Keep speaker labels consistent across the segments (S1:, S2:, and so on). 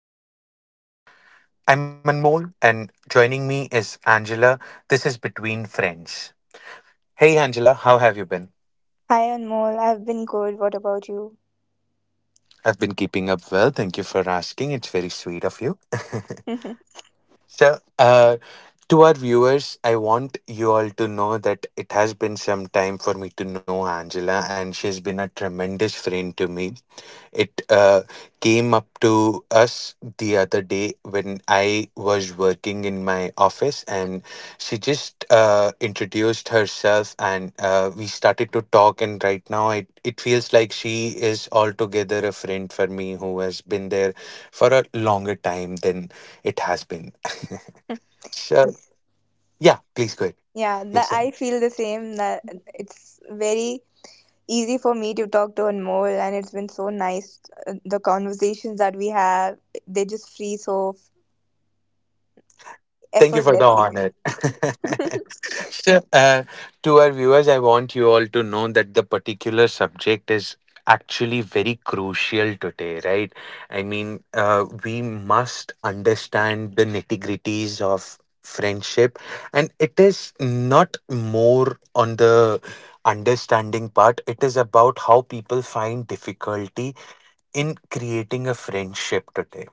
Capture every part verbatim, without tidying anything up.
S1: within yourself. I'm Anmol, and joining me is Angela. This is Between Friends. Hey, Angela, how have you been?
S2: Hi Anmol, I've been good. What about you?
S1: I've been keeping up well. Thank you for asking. It's very sweet of you. So, uh, to our viewers, I want you all to know that it has been some time for me to know Angela, and she's been a tremendous friend to me. It uh, came up to us the other day when I was working in my office, and she just uh, introduced herself, and uh, we started to talk. And right now, it, it feels like she is altogether a friend for me who has been there for a longer time than it has been. Sure. Yeah, please go ahead.
S2: yeah, the,
S1: Yes, sir.
S2: I feel the same. That it's very easy for me to talk to Anmol, and it's been so nice. uh, The conversations that we have, they just free so
S1: Thank you for the
S2: effortlessly.
S1: honor. Sure. Uh, to our viewers, I want you all to know that the particular subject is actually very crucial today, right? I mean, uh, we must understand the nitty gritties of friendship, and it is not more on the understanding part, it is about how people find difficulty in creating a friendship today.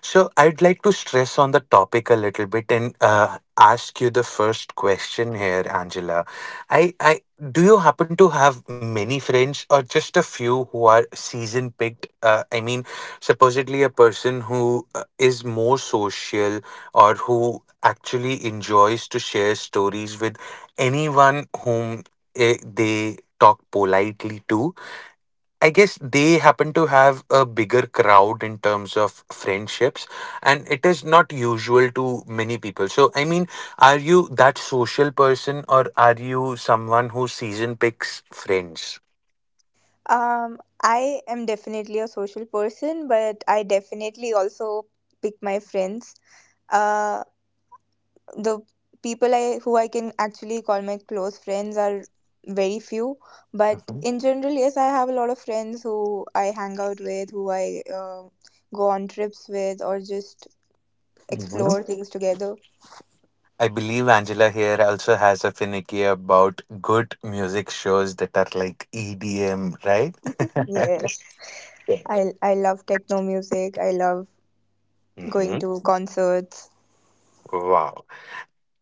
S1: So, I'd like to stress on the topic a little bit and uh, ask you the first question here, Angela. I, I Do you happen to have many friends or just a few who are season picked? Uh, I mean, supposedly a person who uh, is more social, or who actually enjoys to share stories with anyone whom eh, they talk politely to, I guess they happen to have a bigger crowd in terms of friendships, and it is not usual to many people. So, I mean, are you that social person, or are you someone who season picks friends?
S2: Um, I am definitely a social person, but I definitely also pick my friends. Uh, the people I who I can actually call my close friends are very few, but
S1: Mhm.
S2: in general, yes, I have a lot of friends who I hang out with, who I uh, go on trips with, or just
S1: Mhm.
S2: explore things together.
S1: I believe Angela here also has a finicky about good music shows that are like E D M, right?
S2: Yes, I I love techno music. I love going to concerts.
S1: Mhm.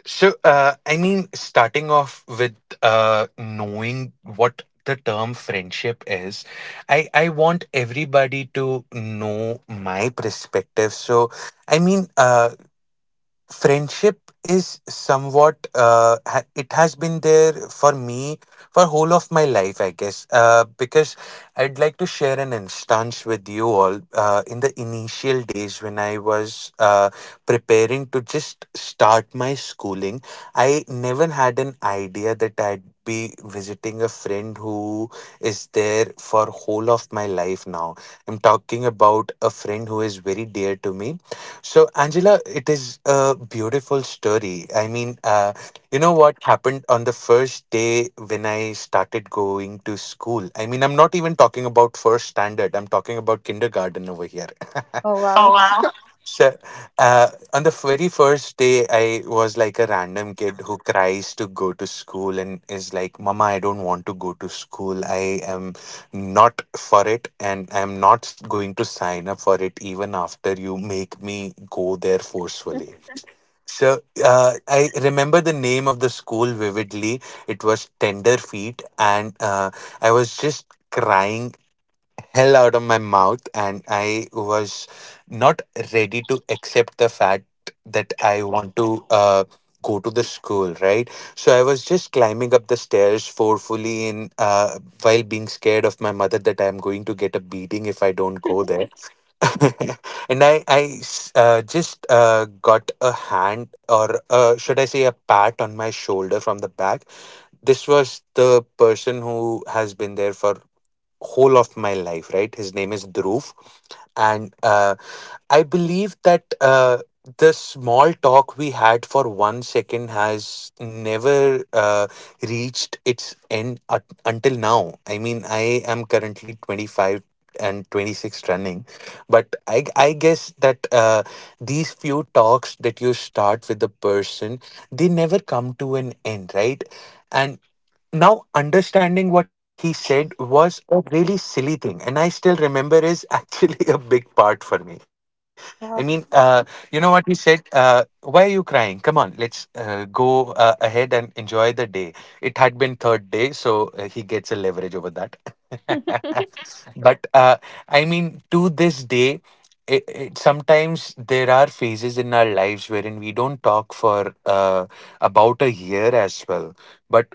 S1: So, uh, I mean, starting off with uh, knowing what the term friendship is, I, I want everybody to know my perspective. So, I mean, uh, friendship is somewhat uh, ha- it has been there for me for whole of my life, I guess, uh, because I'd like to share an instance with you all. Uh, in the initial days when I was uh, preparing to just start my schooling, I never had an idea that I'd be visiting a friend who is there for whole of my life now. I'm talking about a friend who is very dear to me. So, Angela, it is a beautiful story. I mean, uh, you know what happened on the first day when I started going to school? I mean, I'm not even talking about first standard, I'm talking about kindergarten over here.
S2: Oh wow.
S1: Oh wow. So, uh, on the very first day, I was like a random kid who cries to go to school and is like, Mama, I don't want to go to school. I am not for it, and I'm not going to sign up for it even after you make me go there forcefully. So uh, I remember the name of the school vividly. It was Tender Feet. And uh, I was just crying hell out of my mouth, and I was not ready to accept the fact that I want to uh, go to the school, right? So I was just climbing up the stairs forcefully in, uh, while being scared of my mother that I am going to get a beating if I don't go there. And i i s- uh, just uh, got a hand, or uh, should I say a pat on my shoulder from the back. This was the person who has been there for whole of my life, right? His name is Dhruv. And uh, I believe that uh, the small talk we had for one second has never uh, reached its end ut- until now. I mean, I am currently twenty-five and twenty-six running, but i i guess that uh, these few talks that you start with the person, they never come to an end, right? And now, understanding what he said was a really silly thing, and I still remember, is actually a big part for me. I mean, uh,
S2: Wow.
S1: you know what he said? Uh, why are you crying? Come on, let's uh, go uh, ahead and enjoy the day. It had been third day, so uh, he gets a leverage over that. But uh, I mean, to this day, it, it, sometimes there are phases in our lives wherein we don't talk for uh, about a year as well. But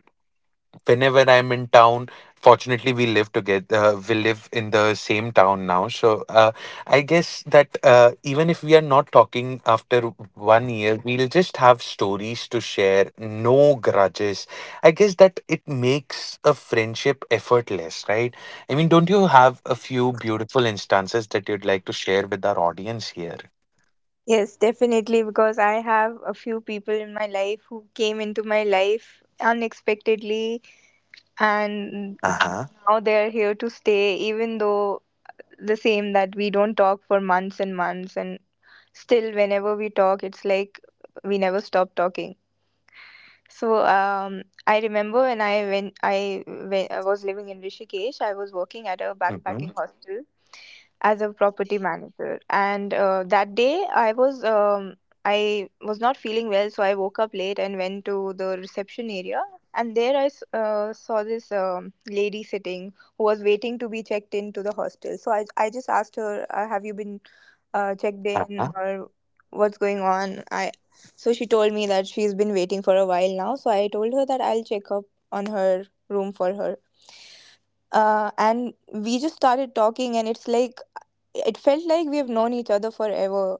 S1: whenever I'm in town, fortunately we live together. Uh, we live in the same town now, so uh, I guess that uh, even if we are not talking after one year, we'll just have stories to share. No grudges. I guess that it makes a friendship effortless, right? I mean, don't you have a few beautiful instances that you'd like to share with our audience here?
S2: Yes, definitely, because I have a few people in my life who came into my life unexpectedly, and
S1: Uh huh.
S2: now they're here to stay, even though the same that we don't talk for months and months, and still, whenever we talk, it's like we never stop talking. So um, I remember when I when I when I was living in Rishikesh, I was working at a
S1: Mm-hmm.
S2: backpacking hostel as a property manager and uh, that day i was um, i was not feeling well, so I woke up late and went to the reception area, and there i s- uh, saw this um, lady sitting who was waiting to be checked into the hostel. So i, I just asked her, uh, have you been uh, checked
S1: Uh huh.
S2: in or what's going on? I So she told me that she's been waiting for a while now, so I told her that I'll check up on her room for her, uh, and we just started talking, and it's like it felt like we have known each other forever,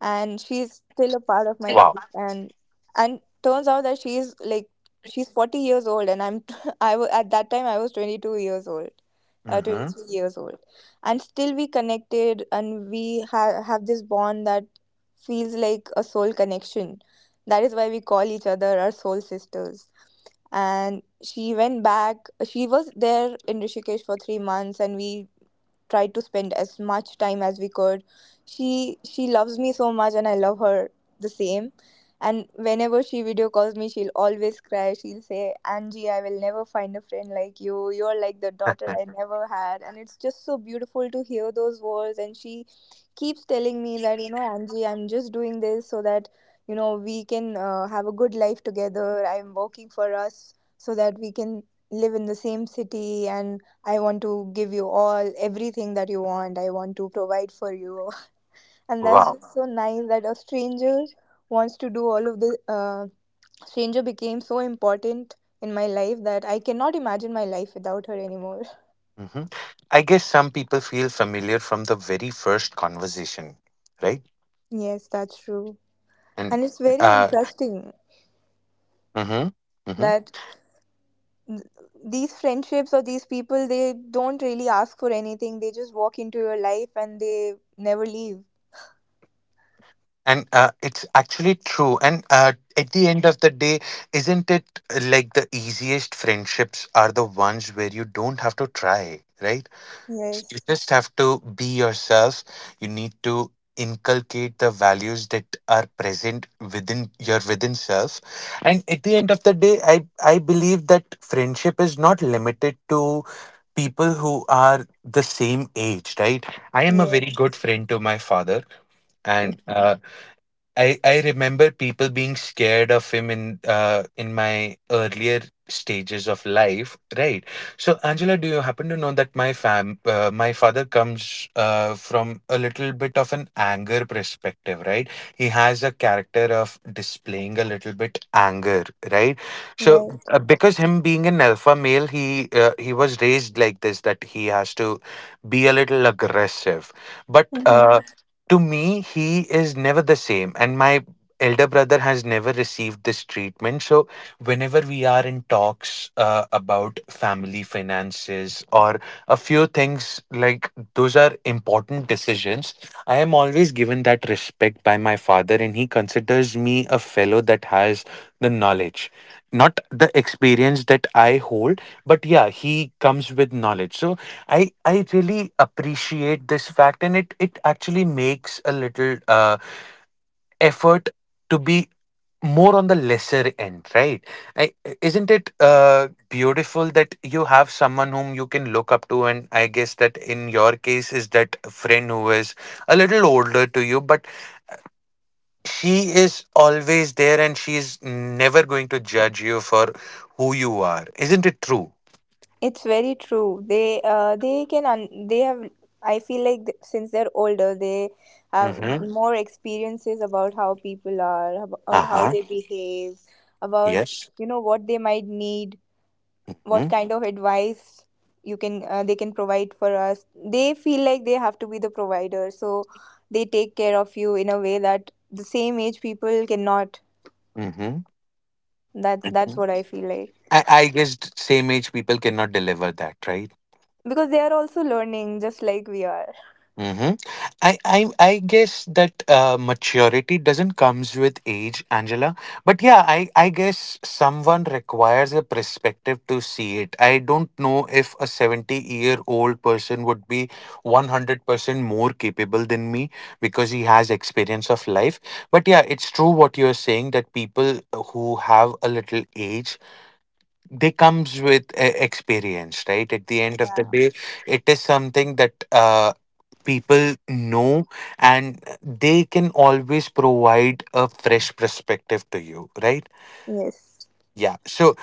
S2: and she's still a part of my
S1: Wow.
S2: life. And and turns out that she's like she's forty years old and I'm I wa- at that time I was twenty-two years old, uh, twenty-three
S1: Mm-hmm.
S2: years old, and still we connected, and we ha- have this bond that feels like a soul connection. That is why we call each other our soul sisters. And she went back. She was there in Rishikesh for three months, and we tried to spend as much time as we could. she she loves me so much and I love her the same. And whenever she video calls me, she'll always cry. She'll say, "Angie, I will never find a friend like you. You're like the daughter I never had." And it's just so beautiful to hear those words. And she keeps telling me that, you know, Angie, I'm just doing this so that, you know, we can uh, have a good life together. I'm working for us so that we can live in the same city. And I want to give you all everything that you want. I want to provide for you. And that's
S1: Wow.
S2: just so nice that a stranger wants to do all of the uh, stranger became so important in my life that I cannot imagine my life without her anymore.
S1: Hmm. I guess some people feel familiar from the very first conversation, right?
S2: Yes, that's true. And it's
S1: And
S2: very
S1: uh,
S2: interesting
S1: hmm. Hmm.
S2: that th- these friendships, or these people, they don't really ask for anything. They just walk into your life and they never leave.
S1: And uh, it's actually true. And uh, at the end of the day, isn't it uh, like the easiest friendships are the ones where you don't have to try, right? So you
S2: Yes.
S1: just have to be yourself. You need to inculcate the values that are present within your within self. And at the end of the day, I, I believe that friendship is not limited to people who are the same age, right? I am a very
S2: Yes.
S1: good friend to my father, and uh, I, I remember people being scared of him in uh, in my earlier stages of life, right? So, Angela, do you happen to know that my fam uh, my father comes uh, from a little bit of an anger perspective, right? He has a character of displaying a little bit anger, right? So,
S2: Right.
S1: uh, because him being an alpha male, he uh, he was raised like this, that he has to be a little aggressive, but
S2: Hmm.
S1: uh, to me he is never the same. And my elder brother has never received this treatment. So whenever we are in talks uh, about family finances or a few things like those, are important decisions. I am always given that respect by my father, and he considers me a fellow that has the knowledge, not the experience that I hold. But yeah, he comes with knowledge. So I I really appreciate this fact, and it it actually makes a little uh, effort to be more on the lesser end, right? I, isn't it uh, beautiful that you have someone whom you can look up to, and I guess that in your case is that friend who is a little older to you, but she is always there, and she is never going to judge you for who you are. Isn't it true?
S2: It's very true. They uh, they can un- they have, I feel like th- since they're older, they have
S1: Mm-hmm.
S2: more experiences about how people are,
S1: Uh
S2: about how
S1: huh.
S2: they behave, about,
S1: Yes.
S2: you know, what they might need, what
S1: Mm-hmm.
S2: kind of advice you can, uh, they can provide for us. They feel like they have to be the provider, so they take care of you in a way that the same age people cannot.
S1: Mm-hmm.
S2: That's that's
S1: Mm-hmm.
S2: what I feel like,
S1: I, I guess same age people cannot deliver that, right?
S2: because they are also learning just like we are.
S1: Mm-hmm. I, I I guess that uh, maturity doesn't comes with age, Angela. But yeah, I I guess someone requires a perspective to see it. I don't know if a seventy-year-old person would be one hundred percent more capable than me, because he has experience of life. But yeah, it's true what you're saying, that people who have a little age, they comes with uh, experience, right? At the end of the
S2: Yeah.
S1: day, it is something that uh, people know, and they can always provide a fresh perspective to you, right?
S2: Yes.
S1: Yeah. So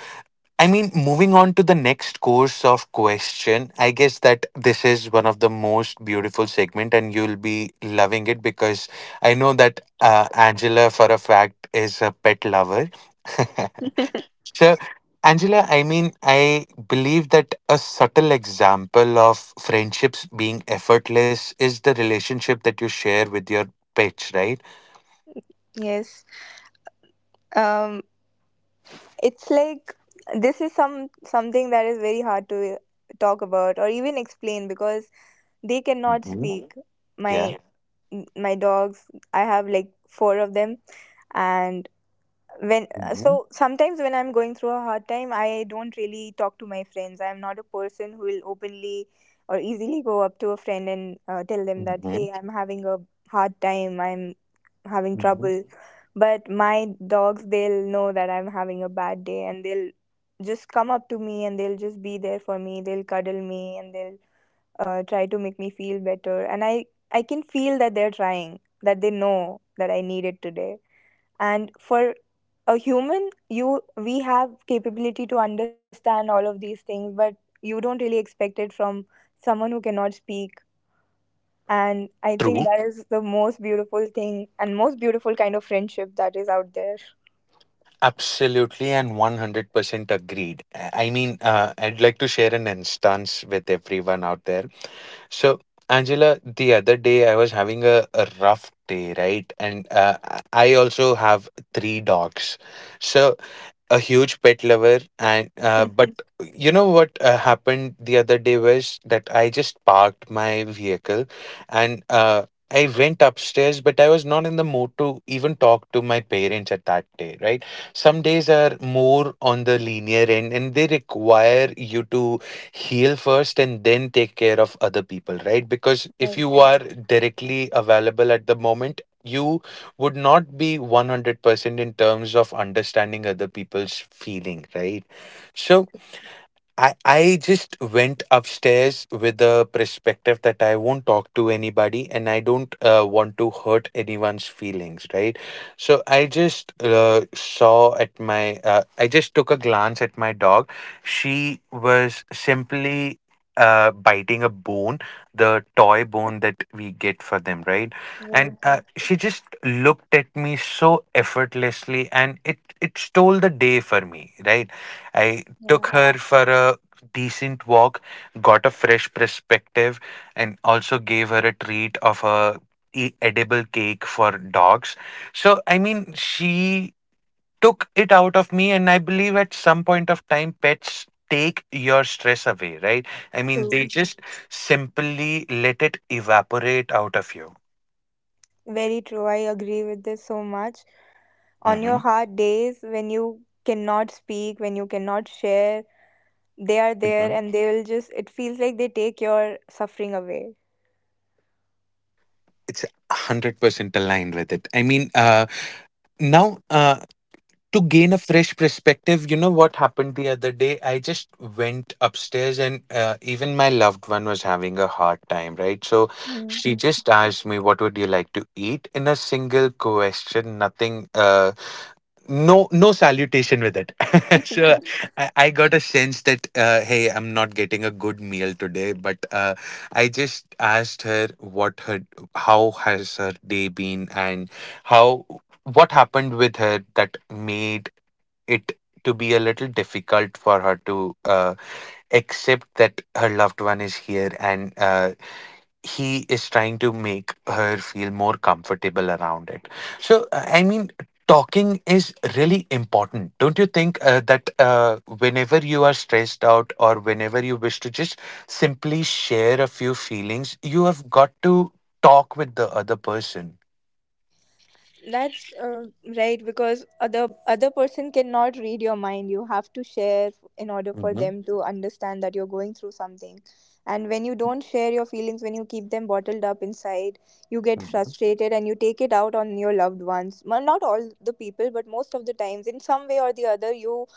S1: I mean, moving on to the next course of question, I guess that this is one of the most beautiful segment, and you'll be loving it, because I know that uh, Angela for a fact is a pet lover. Sure. Angela, I mean, I believe that a subtle example of friendships being effortless is the relationship that you share with your pets, right?
S2: Yes. Um, it's like this is some something that is very hard to talk about or even explain because they cannot
S1: Hmm.
S2: speak.
S1: Yeah.
S2: My m- my dogs, I have like four of them, and when,
S1: Hmm.
S2: so sometimes when I'm going through a hard time, I don't really talk to my friends. I'm not a person who will openly or easily go up to a friend and uh, tell them that,
S1: Hmm.
S2: hey, I'm having a hard time. I'm having
S1: Hmm.
S2: trouble. But my dogs, they'll know that I'm having a bad day, and they'll just come up to me, and they'll just be there for me. They'll cuddle me and they'll uh, try to make me feel better, and i i can feel that they're trying, that they know that I need it today. And for a human, you we have capability to understand all of these things, but you don't really expect it from someone who cannot speak. And I think
S1: True.
S2: that is the most beautiful thing and most beautiful kind of friendship that is out there.
S1: Absolutely, and one hundred percent agreed. I I mean, uh, I'd like to share an instance with everyone out there. So, Angela, the other day I was having a, a rough day, right? And uh, I I also have three dogs. So, a huge pet lover and uh, but you know what uh, happened the other day was that I just parked my vehicle and uh, I went upstairs, but I was not in the mood to even talk to my parents at that day, right? Some days are more on the linear end and they require you to heal first and then take care of other people, right? Because if
S2: Right,
S1: you are directly available at the moment, you would not be one hundred percent in terms of understanding other people's feeling, right? So I, I just went upstairs with the perspective that I won't talk to anybody and I don't uh, want to hurt anyone's feelings, right? So I just uh, saw at my, uh, I just took a glance at my dog. She was simply uh, biting a bone, the toy bone that we get for them, right?
S2: right,
S1: And uh, she just looked at me so effortlessly, and it, it stole the day for me, right? I took
S2: yeah.
S1: her for a decent walk, got a fresh perspective, and also gave her a treat of a e- edible cake for dogs. So, I mean, she took it out of me, and I believe at some point of time, pets take your stress away, right? I mean, they
S2: True.
S1: just simply let it evaporate out of you.
S2: Very true. I agree with this so much. On your
S1: Mhm.
S2: hard days, when you cannot speak, when you cannot share, they are there
S1: Mhm.
S2: and they will just, it feels like they take your suffering away.
S1: It's one hundred percent aligned with it. I mean, uh, now. Uh, to gain a fresh perspective, you know what happened the other day? I just went upstairs, and uh, even my loved one was having a hard time, right? So
S2: Hmm.
S1: she just asked me what would you like to eat, in a single question, nothing, uh, no no salutation with it. So I, I got a sense that uh, hey, I'm not getting a good meal today, but uh, I just asked her what her, how has her day been, and how, what happened with her that made it to be a little difficult for her to uh, accept that her loved one is here, and uh, he is trying to make her feel more comfortable around it. So, uh, I mean, talking is really important. Don't you think uh, that uh, whenever you are stressed out or whenever you wish to just simply share a few feelings, you have got to talk with the other person?
S2: That's uh, Right, because other other person cannot read your mind. You have to share in order for
S1: Mm-hmm.
S2: them to understand that you're going through something. And when you don't share your feelings, when you keep them bottled up inside, you get
S1: Mm-hmm.
S2: frustrated and you take it out on your loved ones. Well, not all the people, but most of the times, in some way or the other, you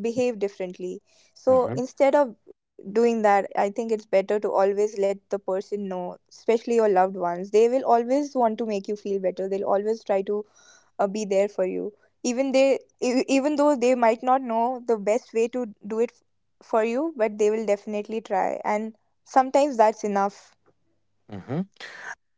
S2: behave differently. So instead of doing that, I think it's better to always let the person know, especially your loved ones. They will always want to make you feel better. They'll always try to uh, be there for you, even they e- even though they might not know the best way to do it f- for you, but they will definitely try, and sometimes that's enough.
S1: Mm-hmm.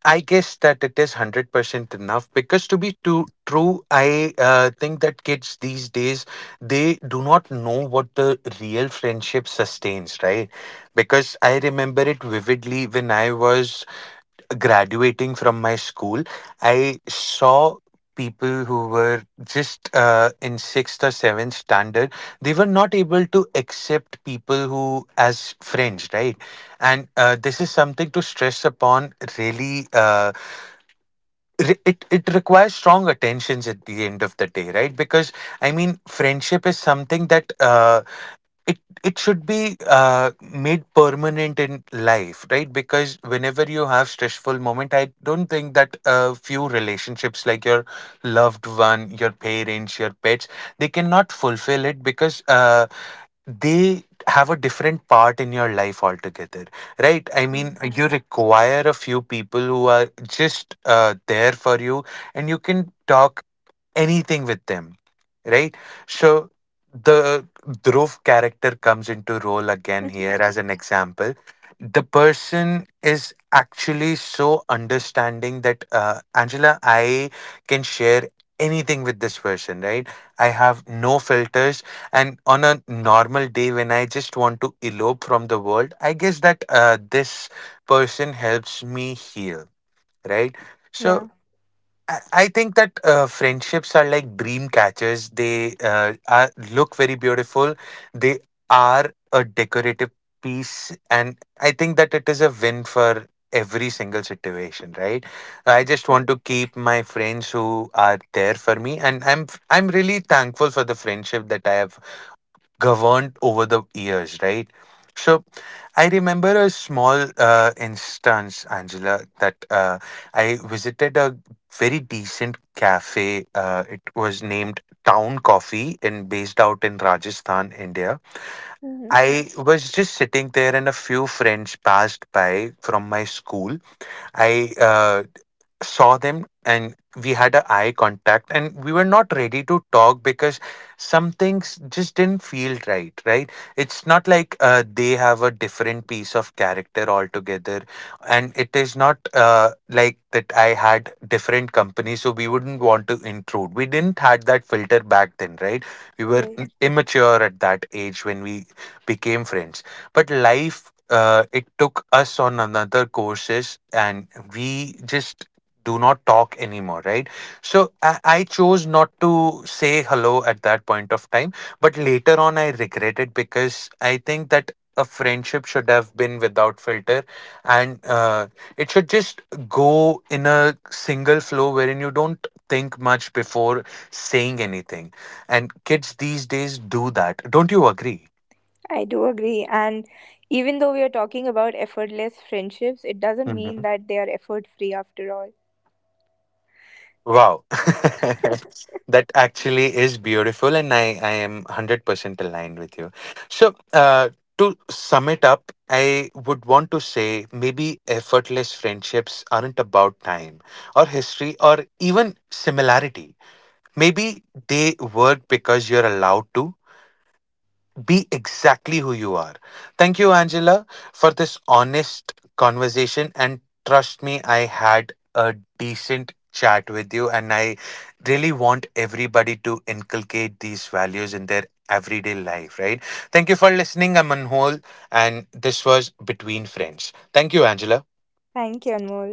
S1: I guess that it is one hundred percent enough, because to be too true, I uh, think that kids these days, they do not know what the real friendship sustains, right? Because I remember it vividly when I was graduating from my school, I saw people who were just uh, in sixth or seventh standard, they were not able to accept people who as friends, right? And uh, this is something to stress upon, really. Uh, re- it it requires strong attentions at the end of the day, right? Because I mean, friendship is something that uh, it it should be uh, made permanent in life, right? Because whenever you have stressful moment, I don't think that a few relationships like your loved one, your parents, your pets, they cannot fulfill it, because uh, they have a different part in your life altogether, right? I mean, you require a few people who are just uh, there for you, and you can talk anything with them, right? So the Dhruv character comes into role again here as an example. The person is actually so understanding that uh, Angela, I can share anything with this person, right? I have no filters. And on a normal day when I just want to elope from the world, I guess that uh, this person helps me heal, right? So
S2: Yeah.
S1: I I think that uh, friendships are like dream catchers. They uh, are, look very beautiful. They are a decorative piece, and I think that it is a win for every single situation, right? I just want to keep my friends who are there for me, and I'm I'm really thankful for the friendship that I have governed over the years, right? So I remember a small uh, instance, Angela, that uh, I visited a very decent cafe. Uh, it was named Town Coffee and based out in Rajasthan, India.
S2: Hmm.
S1: I was just sitting there and a few friends passed by from my school. I uh, saw them and we had an eye contact and we were not ready to talk, because some things just didn't feel right, right? It's not like uh, they have a different piece of character altogether, and it is not uh, like that I had different company, so we wouldn't want to intrude. We didn't had that filter back then, right? We were
S2: Right.
S1: immature at that age when we became friends, but life, uh, it took us on another courses, and we just do not talk anymore, right? So I, I chose not to say hello at that point of time, but later on I regret it, because I think that a friendship should have been without filter, and uh, it should just go in a single flow wherein you don't think much before saying anything. And kids these days do that, don't you agree?
S2: I do agree, and even though we are talking about effortless friendships, it doesn't mean that they are effort free after all.
S1: Wow. That actually is beautiful, and I, I am one hundred percent aligned with you. So, uh, to sum it up, I would want to say maybe effortless friendships aren't about time or history or even similarity. Maybe they work because you're allowed to be exactly who you are. Thank you, Angela, for this honest conversation. And trust me, I had a decent chat with you. And I really want everybody to inculcate these values in their everyday life, right? Thank you for listening. I'm Anmol, and this was Between Friends. Thank you, Angela.
S2: Thank you, Anmol.